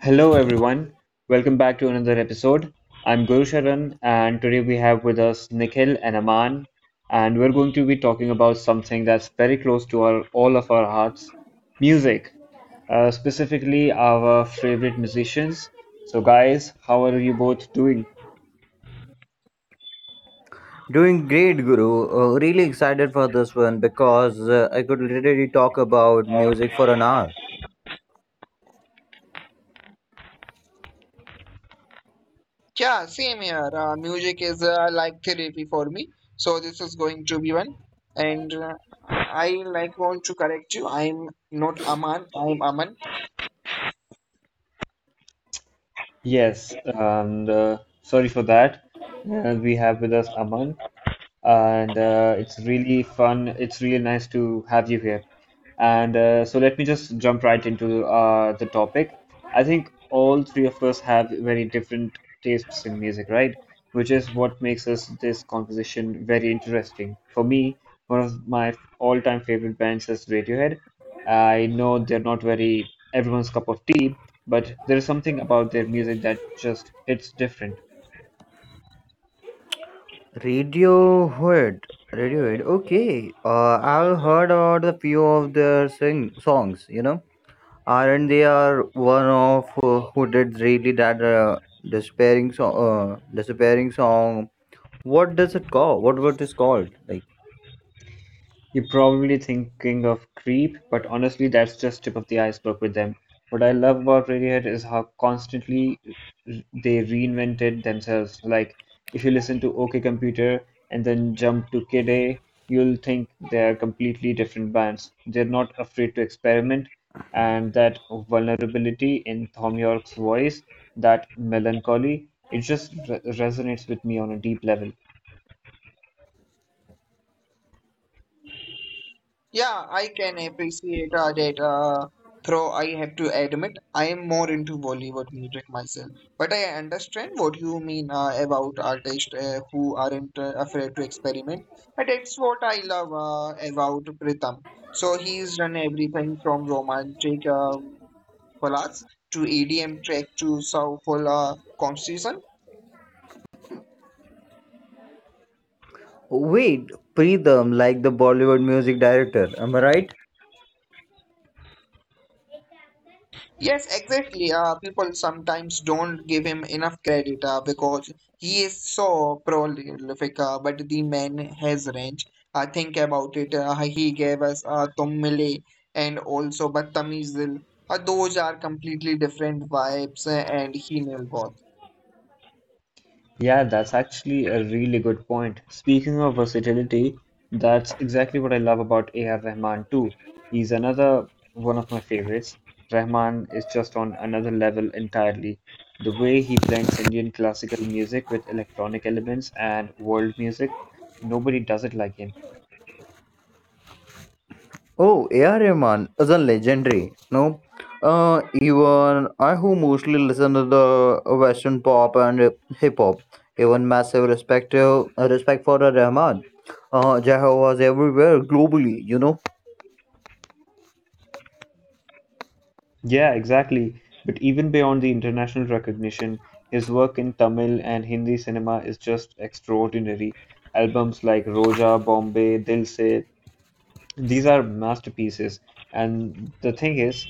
Hello everyone, welcome back to another episode. I'm Guru Sharan, and today we have with us Nikhil and Aman, and we're going to be talking about something that's very close to our all of our hearts, music, specifically our favorite musicians. So guys, how are you both doing? Doing great, Guru. Really excited for this one because I could literally talk about music for an hour. Yeah, same here. Music is like therapy for me. So this is going to be one. And I like want to correct you. I'm not Aman. I'm Aman. Yes, and sorry for that. We have with us Aman, and it's really fun. It's really nice to have you here. And so let me just jump right into the topic. I think all three of us have very different tastes in music, right? Which is what makes us this conversation very interesting. For me, one of my all-time favorite bands is Radiohead. I know they're not very everyone's cup of tea, but there is something about their music that just hits different. Radiohead. Radiohead. Okay. I've heard about a few of their songs, you know. Aren't they are one of who did really that despairing song, disappearing song. What does it call? What is called? Like, You're probably thinking of Creep, but honestly that's just tip of the iceberg with them. What I love about Radiohead is how constantly they reinvented themselves. Like if you listen to OK Computer and then jump to Kid A, you'll think they're completely different bands. They're not afraid to experiment, and that vulnerability in Thom Yorke's voice, that melancholy, it just resonates with me on a deep level. Yeah, I can appreciate that. Though I have to admit, I am more into Bollywood music myself. But I understand what you mean about artists who aren't afraid to experiment. And that's what I love about Pritham. So he's done everything from romantic ballads to EDM track to soulful composition. wait, Preetham, like the Bollywood music director. Am I right? Yes, exactly. People sometimes don't give him enough credit because he is so prolific, but the man has range. Think about it. He gave us Tummile and also Battamizil. Those are completely different vibes, and he nailed both. Yeah, that's actually a really good point. Speaking of versatility, that's exactly what I love about A.R. Rahman too. He's another one of my favorites. Rahman is just on another level entirely. The way he blends Indian classical music with electronic elements and world music, nobody does it like him. Oh, A.R. Rahman is a legendary. No, even I who mostly listen to the Western pop and hip hop, even massive respect to, respect for the Rahman. Jeho was everywhere globally. You know, Yeah, exactly. But even beyond the international recognition, his work in Tamil and Hindi cinema is just extraordinary albums like Roja, Bombay, Dil Se. These are masterpieces. And the thing is,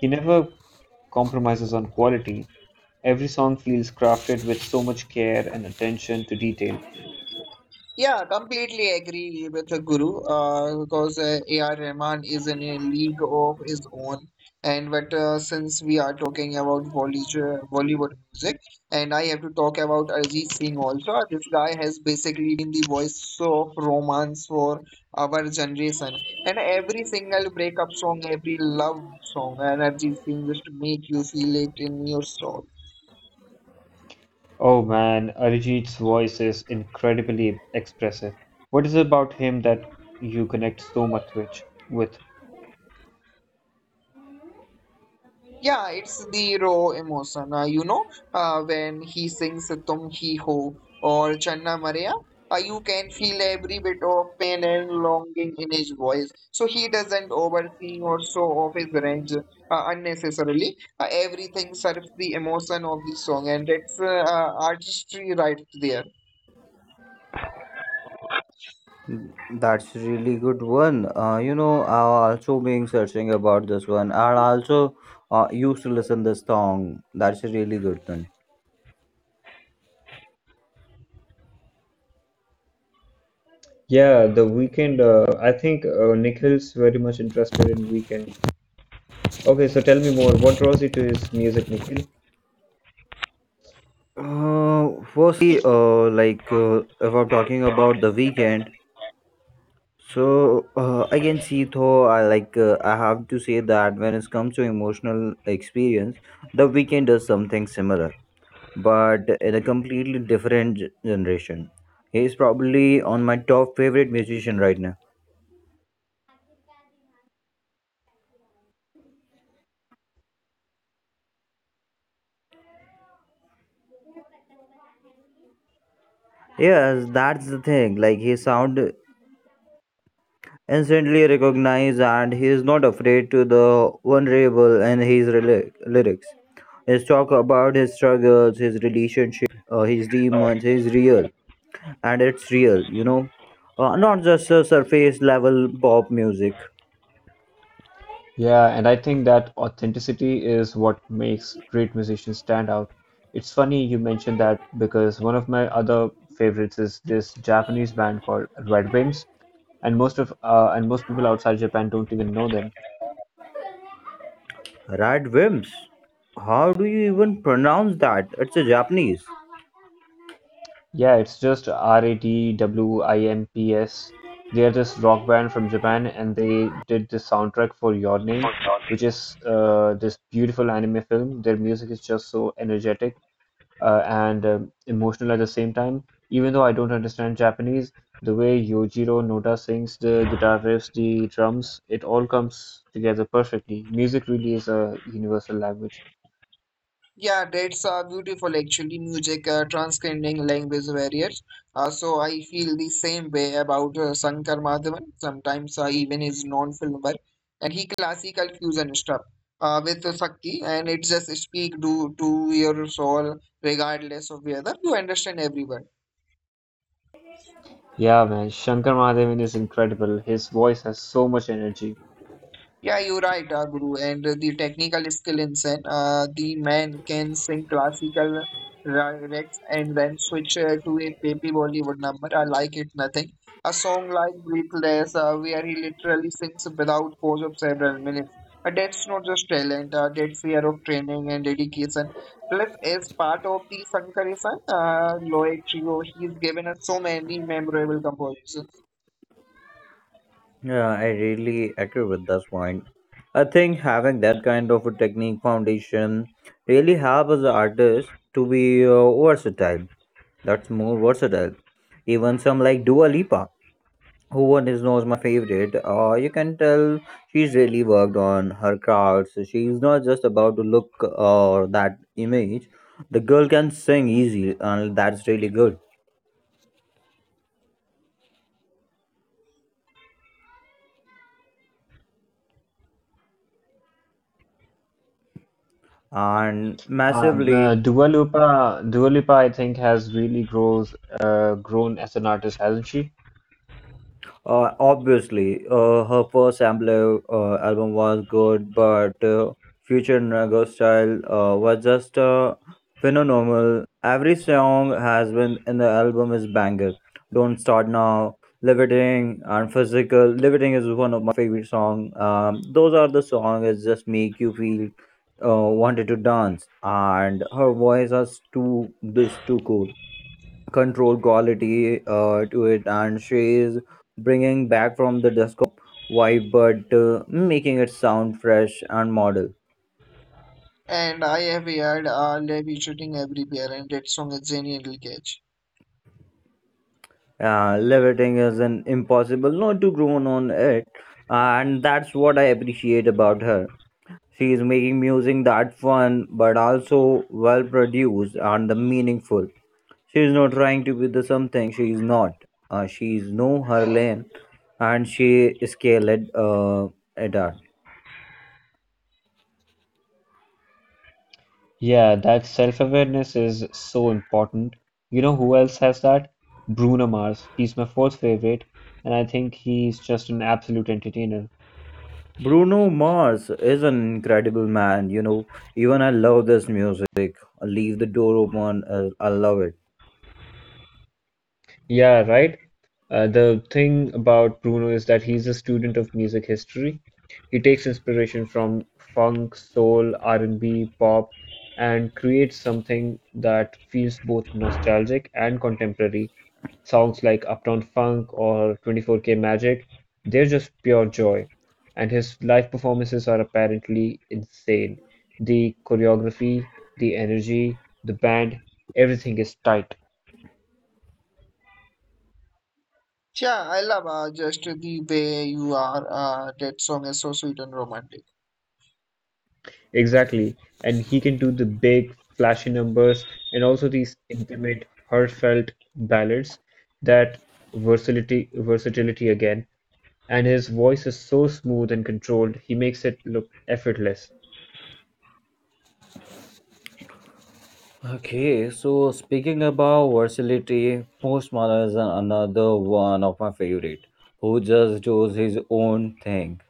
he never compromises on quality. Every song feels crafted with so much care and attention to detail. Yeah, completely agree with the Guru because A.R. Rahman is in a league of his own. And but since we are talking about Bollywood music, and I have to talk about Arjit Singh also. This guy has basically been the voice of romance for our generation. And every single breakup song, every love song, and Arjit Singh just make you feel it in your soul. Oh man, Arijit's voice is incredibly expressive. What is it about him that you connect so much with? Yeah, it's the raw emotion. When he sings Tum Hi Ho or Channa Maria, you can feel every bit of pain and longing in his voice. So he doesn't oversee or show off his range unnecessarily. Everything serves the emotion of the song, and it's artistry right there. that's really good one. I also been searching about this one, and also used to listen this song. That's a really good one. Yeah, the weekend. I think Nikhil's very much interested in weekend. Okay, so tell me more. What draws you to his music, Nikhil? Like if I'm talking about the weekend. So again, see, though, I like I have to say that when it comes to emotional experience, The Weeknd does something similar, but in a completely different generation. He is probably on my top favorite musician right now. Yes, that's the thing. Like his sound instantly recognized and he is not afraid to the vulnerable in his lyrics. His talk about his struggles, his relationship, his demons is real and it's real, not just a surface level pop music. Yeah, and I think that authenticity is what makes great musicians stand out. It's funny you mentioned that because one of my other favorites is this Japanese band called Red Wimps, and most of and most people outside Japan don't even know them. Rad Wims. How do you even pronounce that? It's a Japanese. Yeah, it's just RADWIMPS. They are this rock band from Japan, and they did the soundtrack for Your Name, which is this beautiful anime film. Their music is just so energetic and emotional at the same time. Even though I don't understand Japanese, the way Yojiro Noda sings the guitar riffs, the drums, it all comes together perfectly. Music really is a universal language. Yeah, that's beautiful actually. Music transcending language barriers. So I feel the same way about Shankar Madhavan. Sometimes even his non-film work, and he classical fusion stuff with the Sakti, and it just speak to your soul regardless of whether you understand everyone. Yeah, man, Shankar Mahadevan is incredible. His voice has so much energy. Yeah, you're right, Guru. And the technical skill in Zen, the man can sing classical rigs and then switch to a baby Bollywood number. I like it nothing. A song like Breathless, where he literally sings without pause of several minutes. But that's not just talent, that's year of training and dedication. Plus, as part of the Sankarisan Loy trio, he's given us so many memorable compositions. Yeah, I really agree with this point. I think having that kind of a technique foundation really helps the artist to be versatile. That's more versatile. Even some like Dua Lipa, who one is knows my favorite. You can tell she's really worked on her crafts. She's not just about to look or that image. The girl can sing easy, and that's really good. And Um, uh, massively, Dua Lipa, Dua Lipa, I think, has really grows grown as an artist, hasn't she? Obviously, her first Ambleo album was good, but Future Nago Style was just phenomenal. Every song has been in the album is banger. Don't Start Now, Levitating, and Physical. Levitating is one of my favorite songs. Those are the songs that just make you feel wanted to dance, and her voice is too this too cool control quality to it and she's bringing back from the disco pop vibe but making it sound fresh and modern. And I have heard Levi shooting everywhere, and that song is genial catch. Levitating is an impossible not to groan on it and that's what I appreciate about her. She is making music that fun but also well produced and meaningful. She is not trying to be the something she is not. She is know her lane and she scaled it up. Yeah, that self-awareness is so important. You know who else has that? Bruno Mars. He's my fourth favorite, and I think he's just an absolute entertainer. Bruno Mars is an incredible man, you know. Even I love this music. Leave the door open. I love it. Yeah, right. The thing about Bruno is that he's a student of music history. He takes inspiration from funk, soul, R&B, pop, and creates something that feels both nostalgic and contemporary. Songs like Uptown Funk or 24K Magic, they're just pure joy. And his live performances are apparently insane. The choreography, the energy, the band, everything is tight. Yeah, I love just the way you are. That song is so sweet and romantic. Exactly. And he can do the big, flashy numbers and also these intimate, heartfelt ballads. That versatility again. And his voice is so smooth and controlled, he makes it look effortless. Okay, so speaking about versatility, Post Malone is another one of my favorite, who just does his own thing.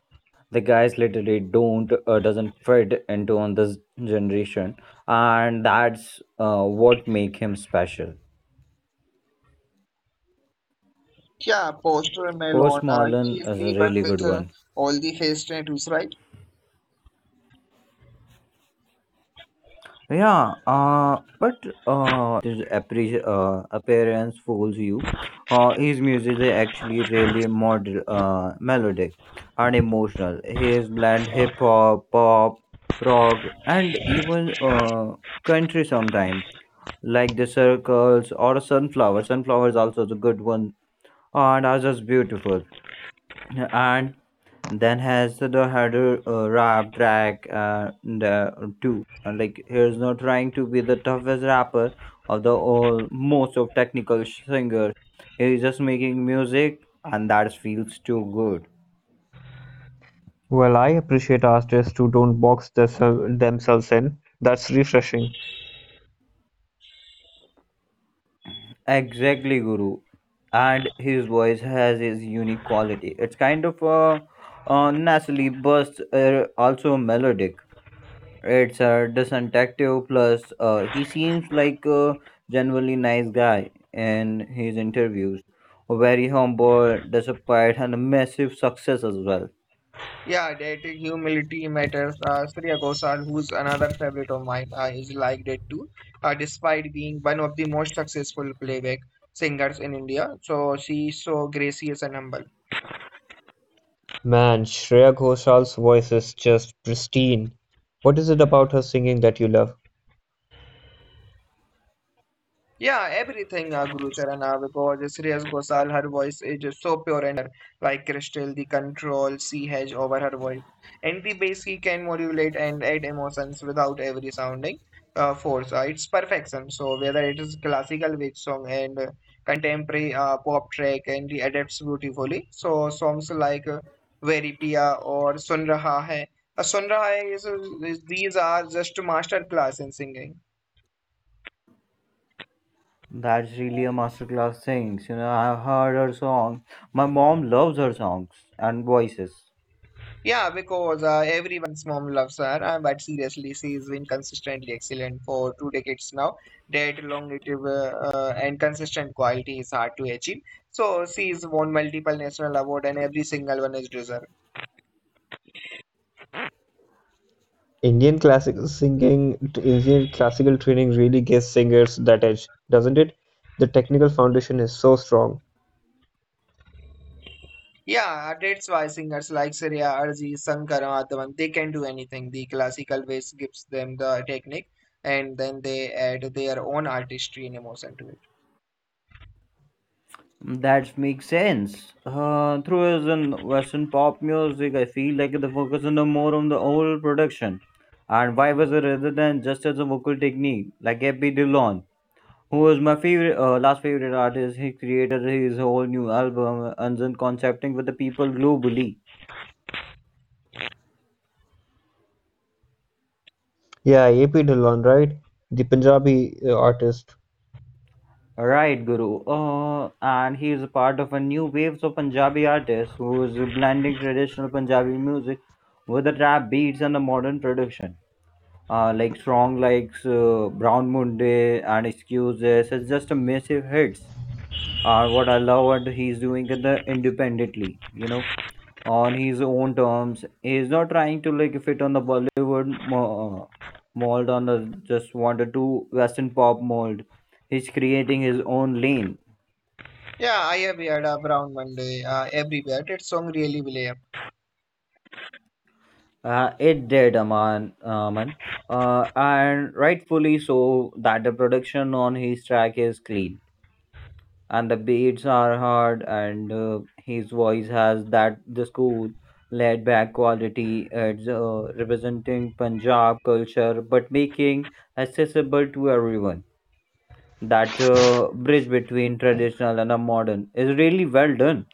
The guys literally don't doesn't fit into on this generation, and that's what make him special. Yeah, Poster Malone, Post he Malone is is the a one really with good one. all the face tattoos, right? Yeah, but this appearance fools you. His music is actually really melodic and emotional. He has blend hip hop, pop, rock, and even country sometimes, like the circles or sunflower. Sunflower is also the good one, and are just beautiful and then has the harder rap track too. And like he's not trying to be the toughest rapper of the all most of technical singers. He's just making music, and that feels too good. Well, I appreciate artists who don't box themselves in. That's refreshing. Exactly, Guru. And his voice has his unique quality. It's kind of a naturally, but also melodic. It's a detective plus he seems like a genuinely nice guy in his interviews. Very humble despite and a massive success as well. Yeah, that humility matters. Surya Ghosal, who's another favorite of mine, is like that too. Despite being one of the most successful playback singers in India, so she's so gracious and humble. Man, Shreya Ghoshal's voice is just pristine. What is it about her singing that you love? Yeah, everything, Gurucharana, because Shreyas Ghosal, her voice is so pure and like crystal, the control she has over her voice. And the bass she can modulate and add emotions without every sounding force. It's perfection. So, whether it is classical wave song and contemporary pop track, and the adapts beautifully. So, songs like Very Pia or Sun Raha Hai. Sun Raha Hai these are just masterclass in singing. That's really a masterclass things. You know, I've heard her song. My mom loves her songs and voices. Yeah, because everyone's mom loves her, but seriously, she's been consistently excellent for 2 decades now. That longevity and consistent quality is hard to achieve. So she's won multiple national award, and every single one is deserved. Indian classical singing, Indian classical training really gives singers that edge, doesn't it? The technical foundation is so strong. Yeah, that's why singers like Surya, Arjit, Shankar, Madhavan, they can do anything. The classical ways gives them the technique, and then they add their own artistry and emotion to it. That makes sense. Through as in Western pop music, I feel like the focus is more on the overall production and why was it rather than just as a vocal technique like Epi Dillon who was my favorite last favorite artist. He created his whole new album and then concepting with the people globally Yeah, AP Dhillon, right? The Punjabi artist. right Guru. And he is a part of a new waves of Punjabi artists who is blending traditional Punjabi music with the rap beats and the modern production like song like Brown Munde and Excuses. It's just a massive hits are what I love what he's doing in the independently, you know, on his own terms. He is not trying to like fit on the Bollywood mold on the just wanted to Western pop mold. He's creating his own lane. Yeah, I have heard Brown Monday everywhere. That song really will. It did, Aman, and rightfully so that the production on his track is clean and the beats are hard and his voice has that this cool laid back quality. It's representing Punjab culture but making accessible to everyone. That bridge between traditional and a modern is really well done.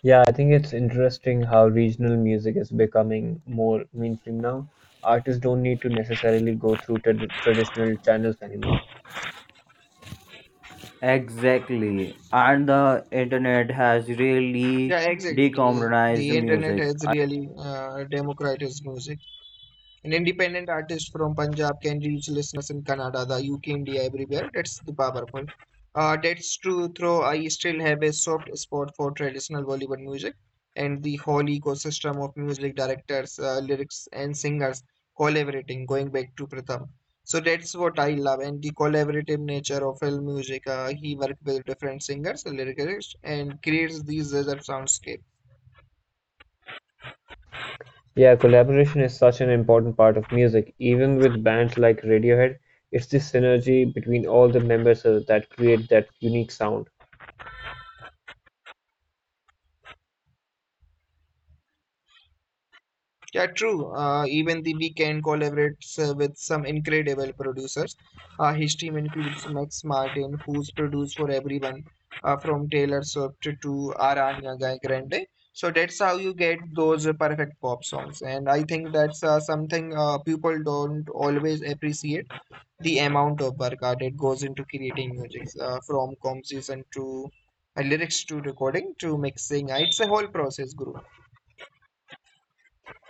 Yeah, I think it's interesting how regional music is becoming more mainstream now. Artists don't need to necessarily go through traditional channels anymore. Exactly, and the internet has really Yeah, exactly. decommonized The internet music. has really democratized music. An independent artist from Punjab can reach listeners in Canada, the UK, India, everywhere. That's the powerful. That's true, though I still have a soft spot for traditional Bollywood music and the whole ecosystem of music directors, lyrics, and singers collaborating, going back to Pratham. So that's what I love, and the collaborative nature of film music. He worked with different singers, lyricists, and creates these other soundscapes. Yeah, collaboration is such an important part of music. Even with bands like Radiohead, it's the synergy between all the members that create that unique sound. Yeah, true. Even the weekend collaborates with some incredible producers. His team includes Max Martin, who's produced for everyone, from Taylor Swift to Ariana Grande. So that's how you get those perfect pop songs. And I think that's something people don't always appreciate the amount of work that goes into creating music, from composition to lyrics to recording to mixing. It's a whole process, group.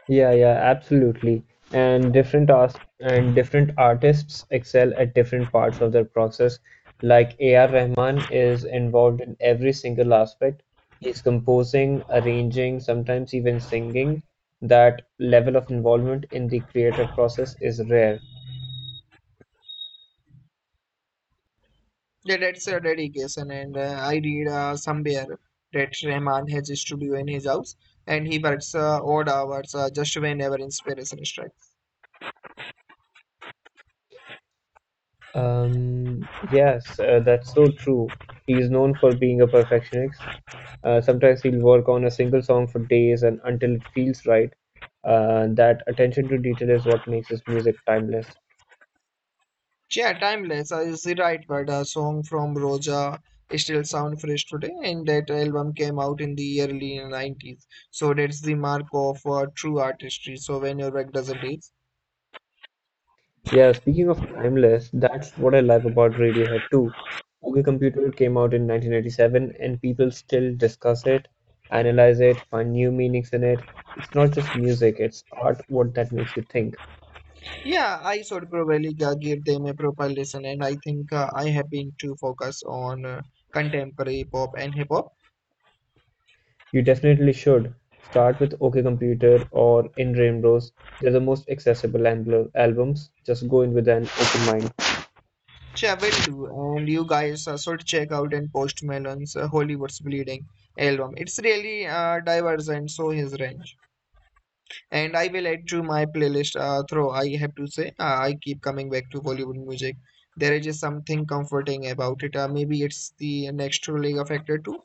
Yeah, yeah, absolutely. And different as and different artists excel at different parts of their process. Like A.R. Rahman is involved in every single aspect. He's composing, arranging, sometimes even singing. That level of involvement in the creative process is rare. Yeah, that's a dedication, and I read somewhere that Rahman has a studio in his house, and he works odd hours just whenever inspiration strikes. Yes, that's so true. He's known for being a perfectionist. Sometimes he'll work on a single song for days and until it feels right. That attention to detail is what makes his music timeless. Yeah, timeless is the right word. A song from Roja still sound fresh today, and that album came out in the early 90s. So that's the mark of true artistry. So when your work doesn't age, Yeah, speaking of timeless, that's what I love about Radiohead too. Google Computer came out in 1997 and people still discuss it, analyze it, find new meanings in it. It's not just music, it's art, what that makes you think. yeah, I should probably give them a proper listen, and I think I have been too focused on contemporary pop and hip hop. You definitely should. Start with OK Computer or In Rainbows. They're the most accessible albums. Just go in with an open mind. Sure, will do. And you guys should check out and Post Malone's Hollywood's Bleeding album. It's really diverse and so his range. And I will add to my playlist. Through I have to say, I keep coming back to Bollywood music. There is just something comforting about it. Maybe it's the naturally Factor too.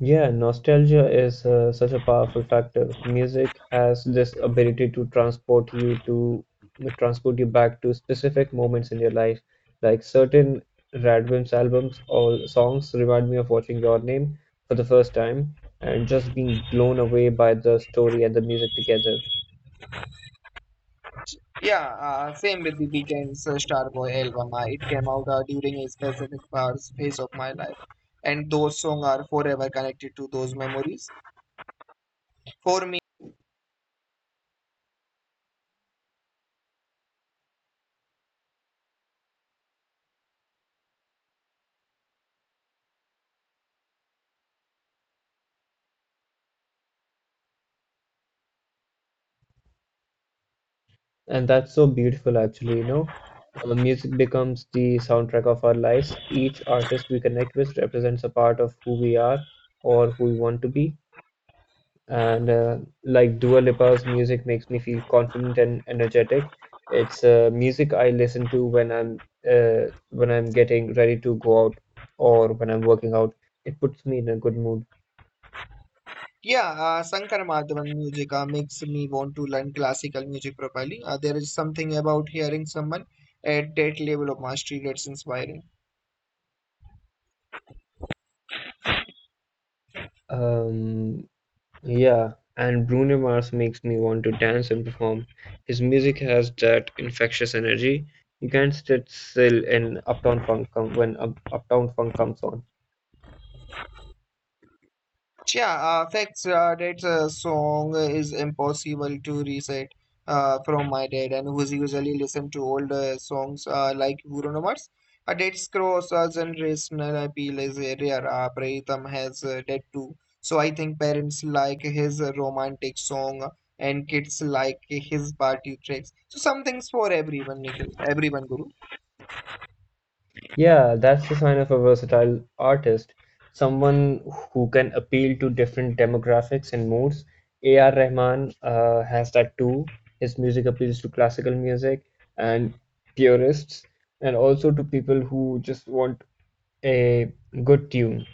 Yeah, nostalgia is such a powerful factor. Music has this ability to transport you back to specific moments in your life. Like certain Radwimps albums or songs remind me of watching Your Name for the first time and just being blown away by the story and the music together. Yeah, same with the Weeknd's Starboy album. It came out during a specific phase of my life, and those songs are forever connected to those memories. For me. And that's so beautiful, actually, you know. Music becomes the soundtrack of our lives. Each artist we connect with represents a part of who we are or who we want to be. And like Dua Lipa's music makes me feel confident and energetic. It's music I listen to when I'm when I'm getting ready to go out or when I'm working out. It puts me in a good mood. Yeah, Shankar Madhavan music makes me want to learn classical music properly. There is something about hearing someone at that level of mastery that's inspiring. Um, Yeah, and Bruno Mars makes me want to dance and perform. His music has that infectious energy. You can't sit still in Uptown Funk comes on. Yeah, facts. That song is impossible to reset from my dad, and who's usually listen to old songs like Guru Namars. That's cross generational appeal is rare. Pritham has that too. So I think parents like his romantic song, and kids like his party tracks. So something's for everyone, Nikhil. Everyone, Guru. Yeah, that's the sign of a versatile artist, someone who can appeal to different demographics and moods. A.R. Rahman has that too. His music appeals to classical music and purists, and also to people who just want a good tune.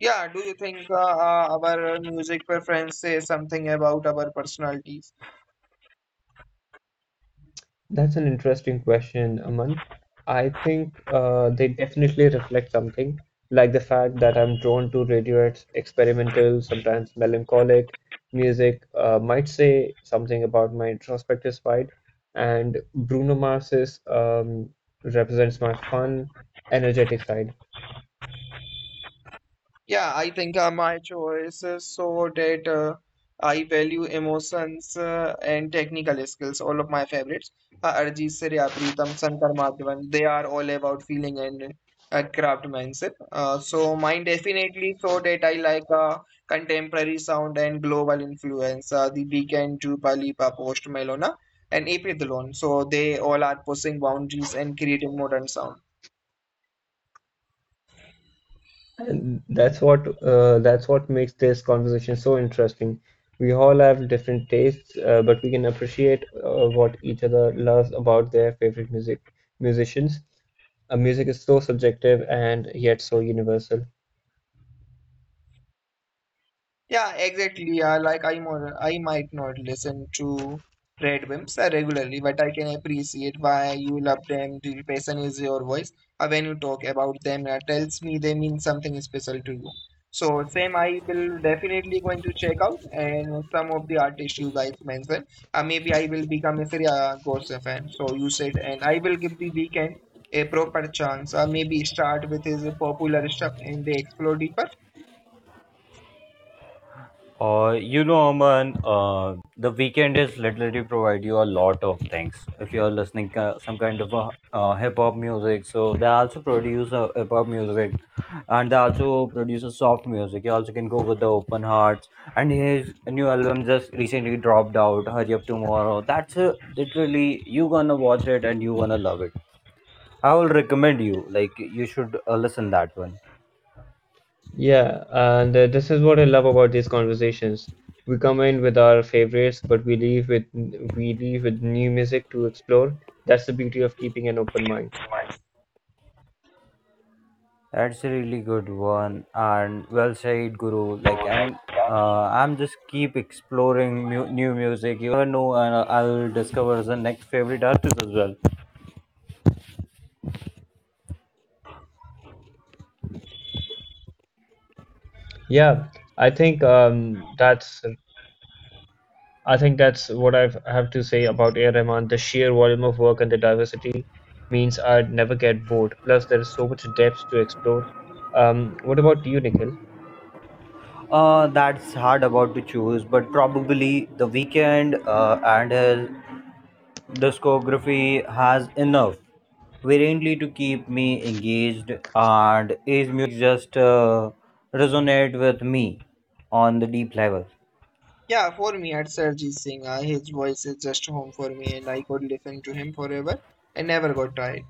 Yeah. Do you think our music preference says something about our personalities? That's an interesting question, Aman. I think they definitely reflect something, like the fact that I'm drawn to Radiohead's experimental, sometimes melancholic music, might say something about my introspective side, and Bruno Mars's represents my fun, energetic side. Yeah, I think my choice is so that I value emotions and technical skills. All of my favorites, Arijit Sarya, Preetham, Shankar Mathewan, they are all about feeling and craftsmanship. So mine definitely so that I like contemporary sound and global influence. The Weeknd, Dua Lipa, Post Malone, and April Dalon. So they all are pushing boundaries and creating modern sound. And that's what makes this conversation so interesting. We all have different tastes, but we can appreciate what each other loves about their favorite musicians. Music is so subjective and yet so universal. Yeah, exactly. Yeah, like I more I might not listen to Red Wimps regularly, but I can appreciate why you love them. The passion is your voice. When you talk about them, tells me they mean something special to you. So same, I will definitely going to check out and some of the artists you guys mentioned. Maybe I will become a Sriya Ghose fan. So you said, and I will give the weekend a proper chance. Maybe start with his popular stuff and they explore deeper. You know, Aman, the weekend is literally provide you a lot of things. If you're listening some kind of hip hop music, so they also produce hip hop music, and they also produce a soft music. You also can go with the open hearts. And his new album just recently dropped out. Hurry up tomorrow. That's literally you gonna watch it and you gonna love it. I will recommend you. Like you should listen that one. Yeah, and this is what I love about these conversations. We come in with our favorites, but we leave with new music to explore. That's the beauty of keeping an open mind. That's a really good one and well said, Guru. Like, and I'm just keep exploring new music. You know, and I'll discover the next favorite artist as well. Yeah, I think that's I think that's what I have to say about A. R. Rahman. The sheer volume of work and the diversity means I'd never get bored. Plus, there is so much depth to explore. What about you, Nikhil? That's hard about to choose, but probably the weekend and his discography has enough variantly to keep me engaged, and his music just resonate with me on the deep level. Yeah, for me, at Sarjeet Singh, his voice is just home for me, and I could listen to him forever and never got tired.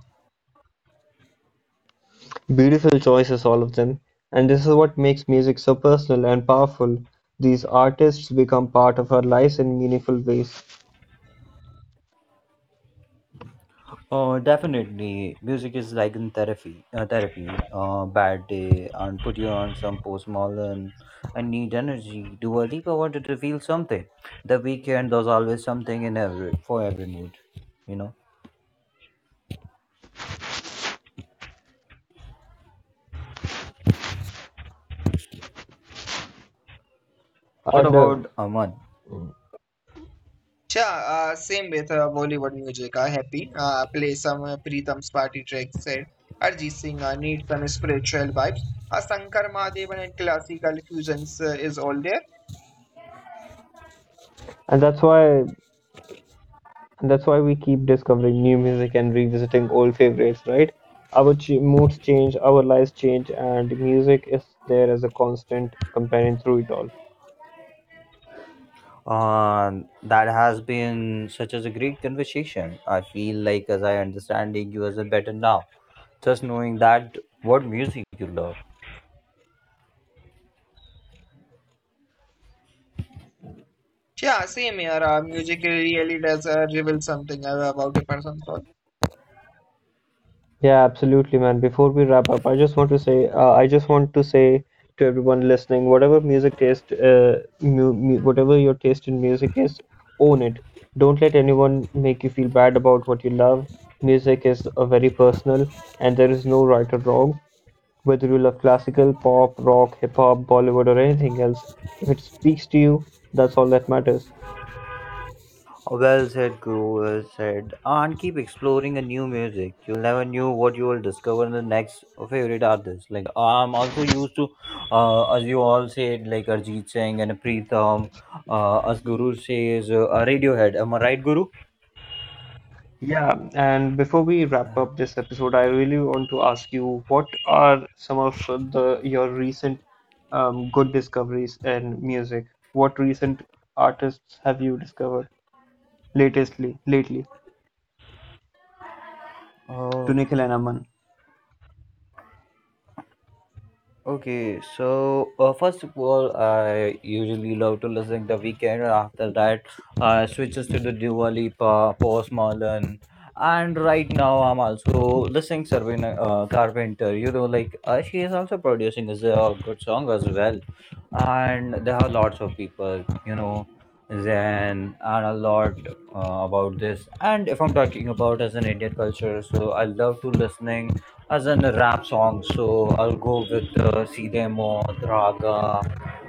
Beautiful choices, all of them. And this is what makes music so personal and powerful. These artists become part of our lives in meaningful ways. Oh, definitely. Music is like in therapy. Therapy. Bad day, and put you on some postmodern. I need energy. Do a deep. I wanted to feel something. The weekend. There's always something in every for every mood. You know. What And uh, about Aman? Yeah, same with Bollywood music. I happy play some Pritam's party tracks. Said Arjit Singh need some spiritual vibes. Shankar Mahadevan and classical fusions is all there. and that's why And that's why we keep discovering new music and revisiting old favorites, right? Our ch moods change, our lives change, and music is there as a constant companion through it all. Uh, that has been such as a great conversation. I feel like as I understanding you as a better now. Just knowing that what music you love. Yeah, same here. Music really does reveal something about a person's soul. Yeah, absolutely, man. Before we wrap up, I just want to say to everyone listening, whatever music taste, mu mu whatever your taste in music is, own it. Don't let anyone make you feel bad about what you love. Music is a very personal, and there is no right or wrong. Whether you love classical, pop, rock, hip hop, Bollywood, or anything else, if it speaks to you, that's all that matters. Well said, Guru. Well said. And keep exploring a new music. You'll never knew what you will discover in the next favorite artist. Like I'm also used to, as you all said, like Arjit Singh and Preetham. As Guru says, Radiohead. Am I right, Guru? Yeah, and before we wrap up this episode, I really want to ask you what are some of the your recent good discoveries in music? What recent artists have you discovered lately? Uh, To Tunikel and Aman. Okay, so first of all, I usually love to listen the weekend. And after that, I switches to the Dua Lipa, Post Malone, and right now I'm also listening Sabrina Carpenter. You know, like she is also producing is a good song as well, and there are lots of people, you know, then and a lot about this. And if I'm talking about as an Indian culture, so I love to listening as in a rap song. So I'll go with Sidemo, Draga,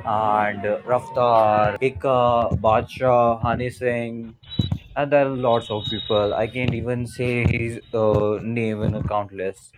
and Raftar, Ikka, Badshah, Hani Singh, and there are lots of people. I can't even say his name in a countless.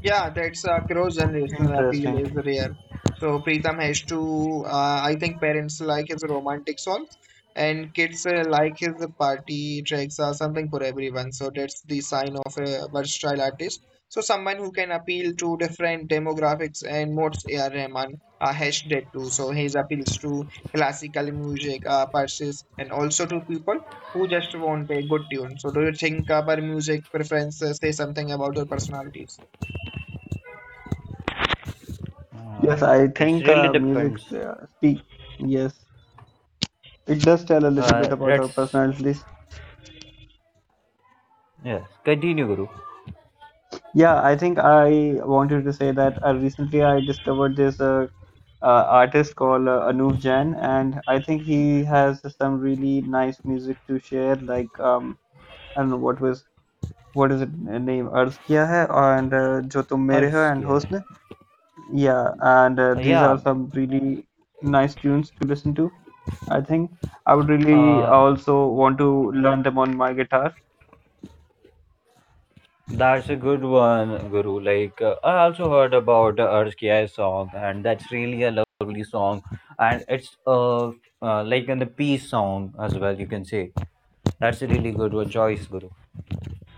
Yeah, that's cross-generational appeal Interesting. is rare. So Pritam has to, I think parents like his romantic songs and kids like his party tracks or something for everyone. So that's the sign of a versatile artist. So someone who can appeal to different demographics and modes A.R. Rahman has that too. So his appeals to classical music, purses and also to people who just want a good tune. So do you think our music preferences say something about your personalities? Yes, Uh, I it's think really music depends. Speak. Yes, it does tell a little bit about our Let's personalities. yes continue, Guru. Yeah, I think I wanted to say that recently I discovered this artist called Anuv Jain, and I think he has some really nice music to share. Like I don't know what is it name? Arz Kiya Hai and Jo Tum Mere Ho and Arskya. Hosn. Yeah, and Uh, these are yeah. some really nice tunes to listen to. I think I would really Uh, also want to learn them on my guitar. That's a good one, Guru. Like, I also heard about the Arskia song, and that's really a lovely song. And it's like in the peace song as well, you can say. That's a really good one, choice, Guru.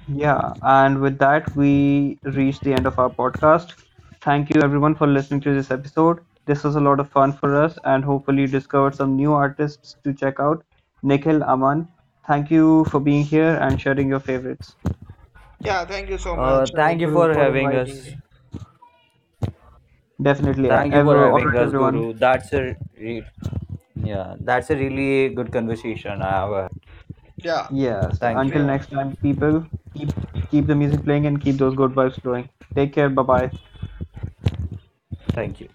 Yeah, and with that, we reach the end of our podcast. Thank you everyone for listening to this episode. This was a lot of fun for us, and hopefully, you discovered some new artists to check out. Nikhil, Aman, thank you for being here and sharing your favorites. Yeah, thank you so much, Thank you Guru, for for having inviting me. us. Definitely. Thank you for All having right, us, everyone. Guru. That's a that's a really good conversation I ever had. Yeah, Yes, Thank you. until same old. next time, people, keep keep the music playing and keep those good vibes flowing. Take care. Bye bye. Thank you.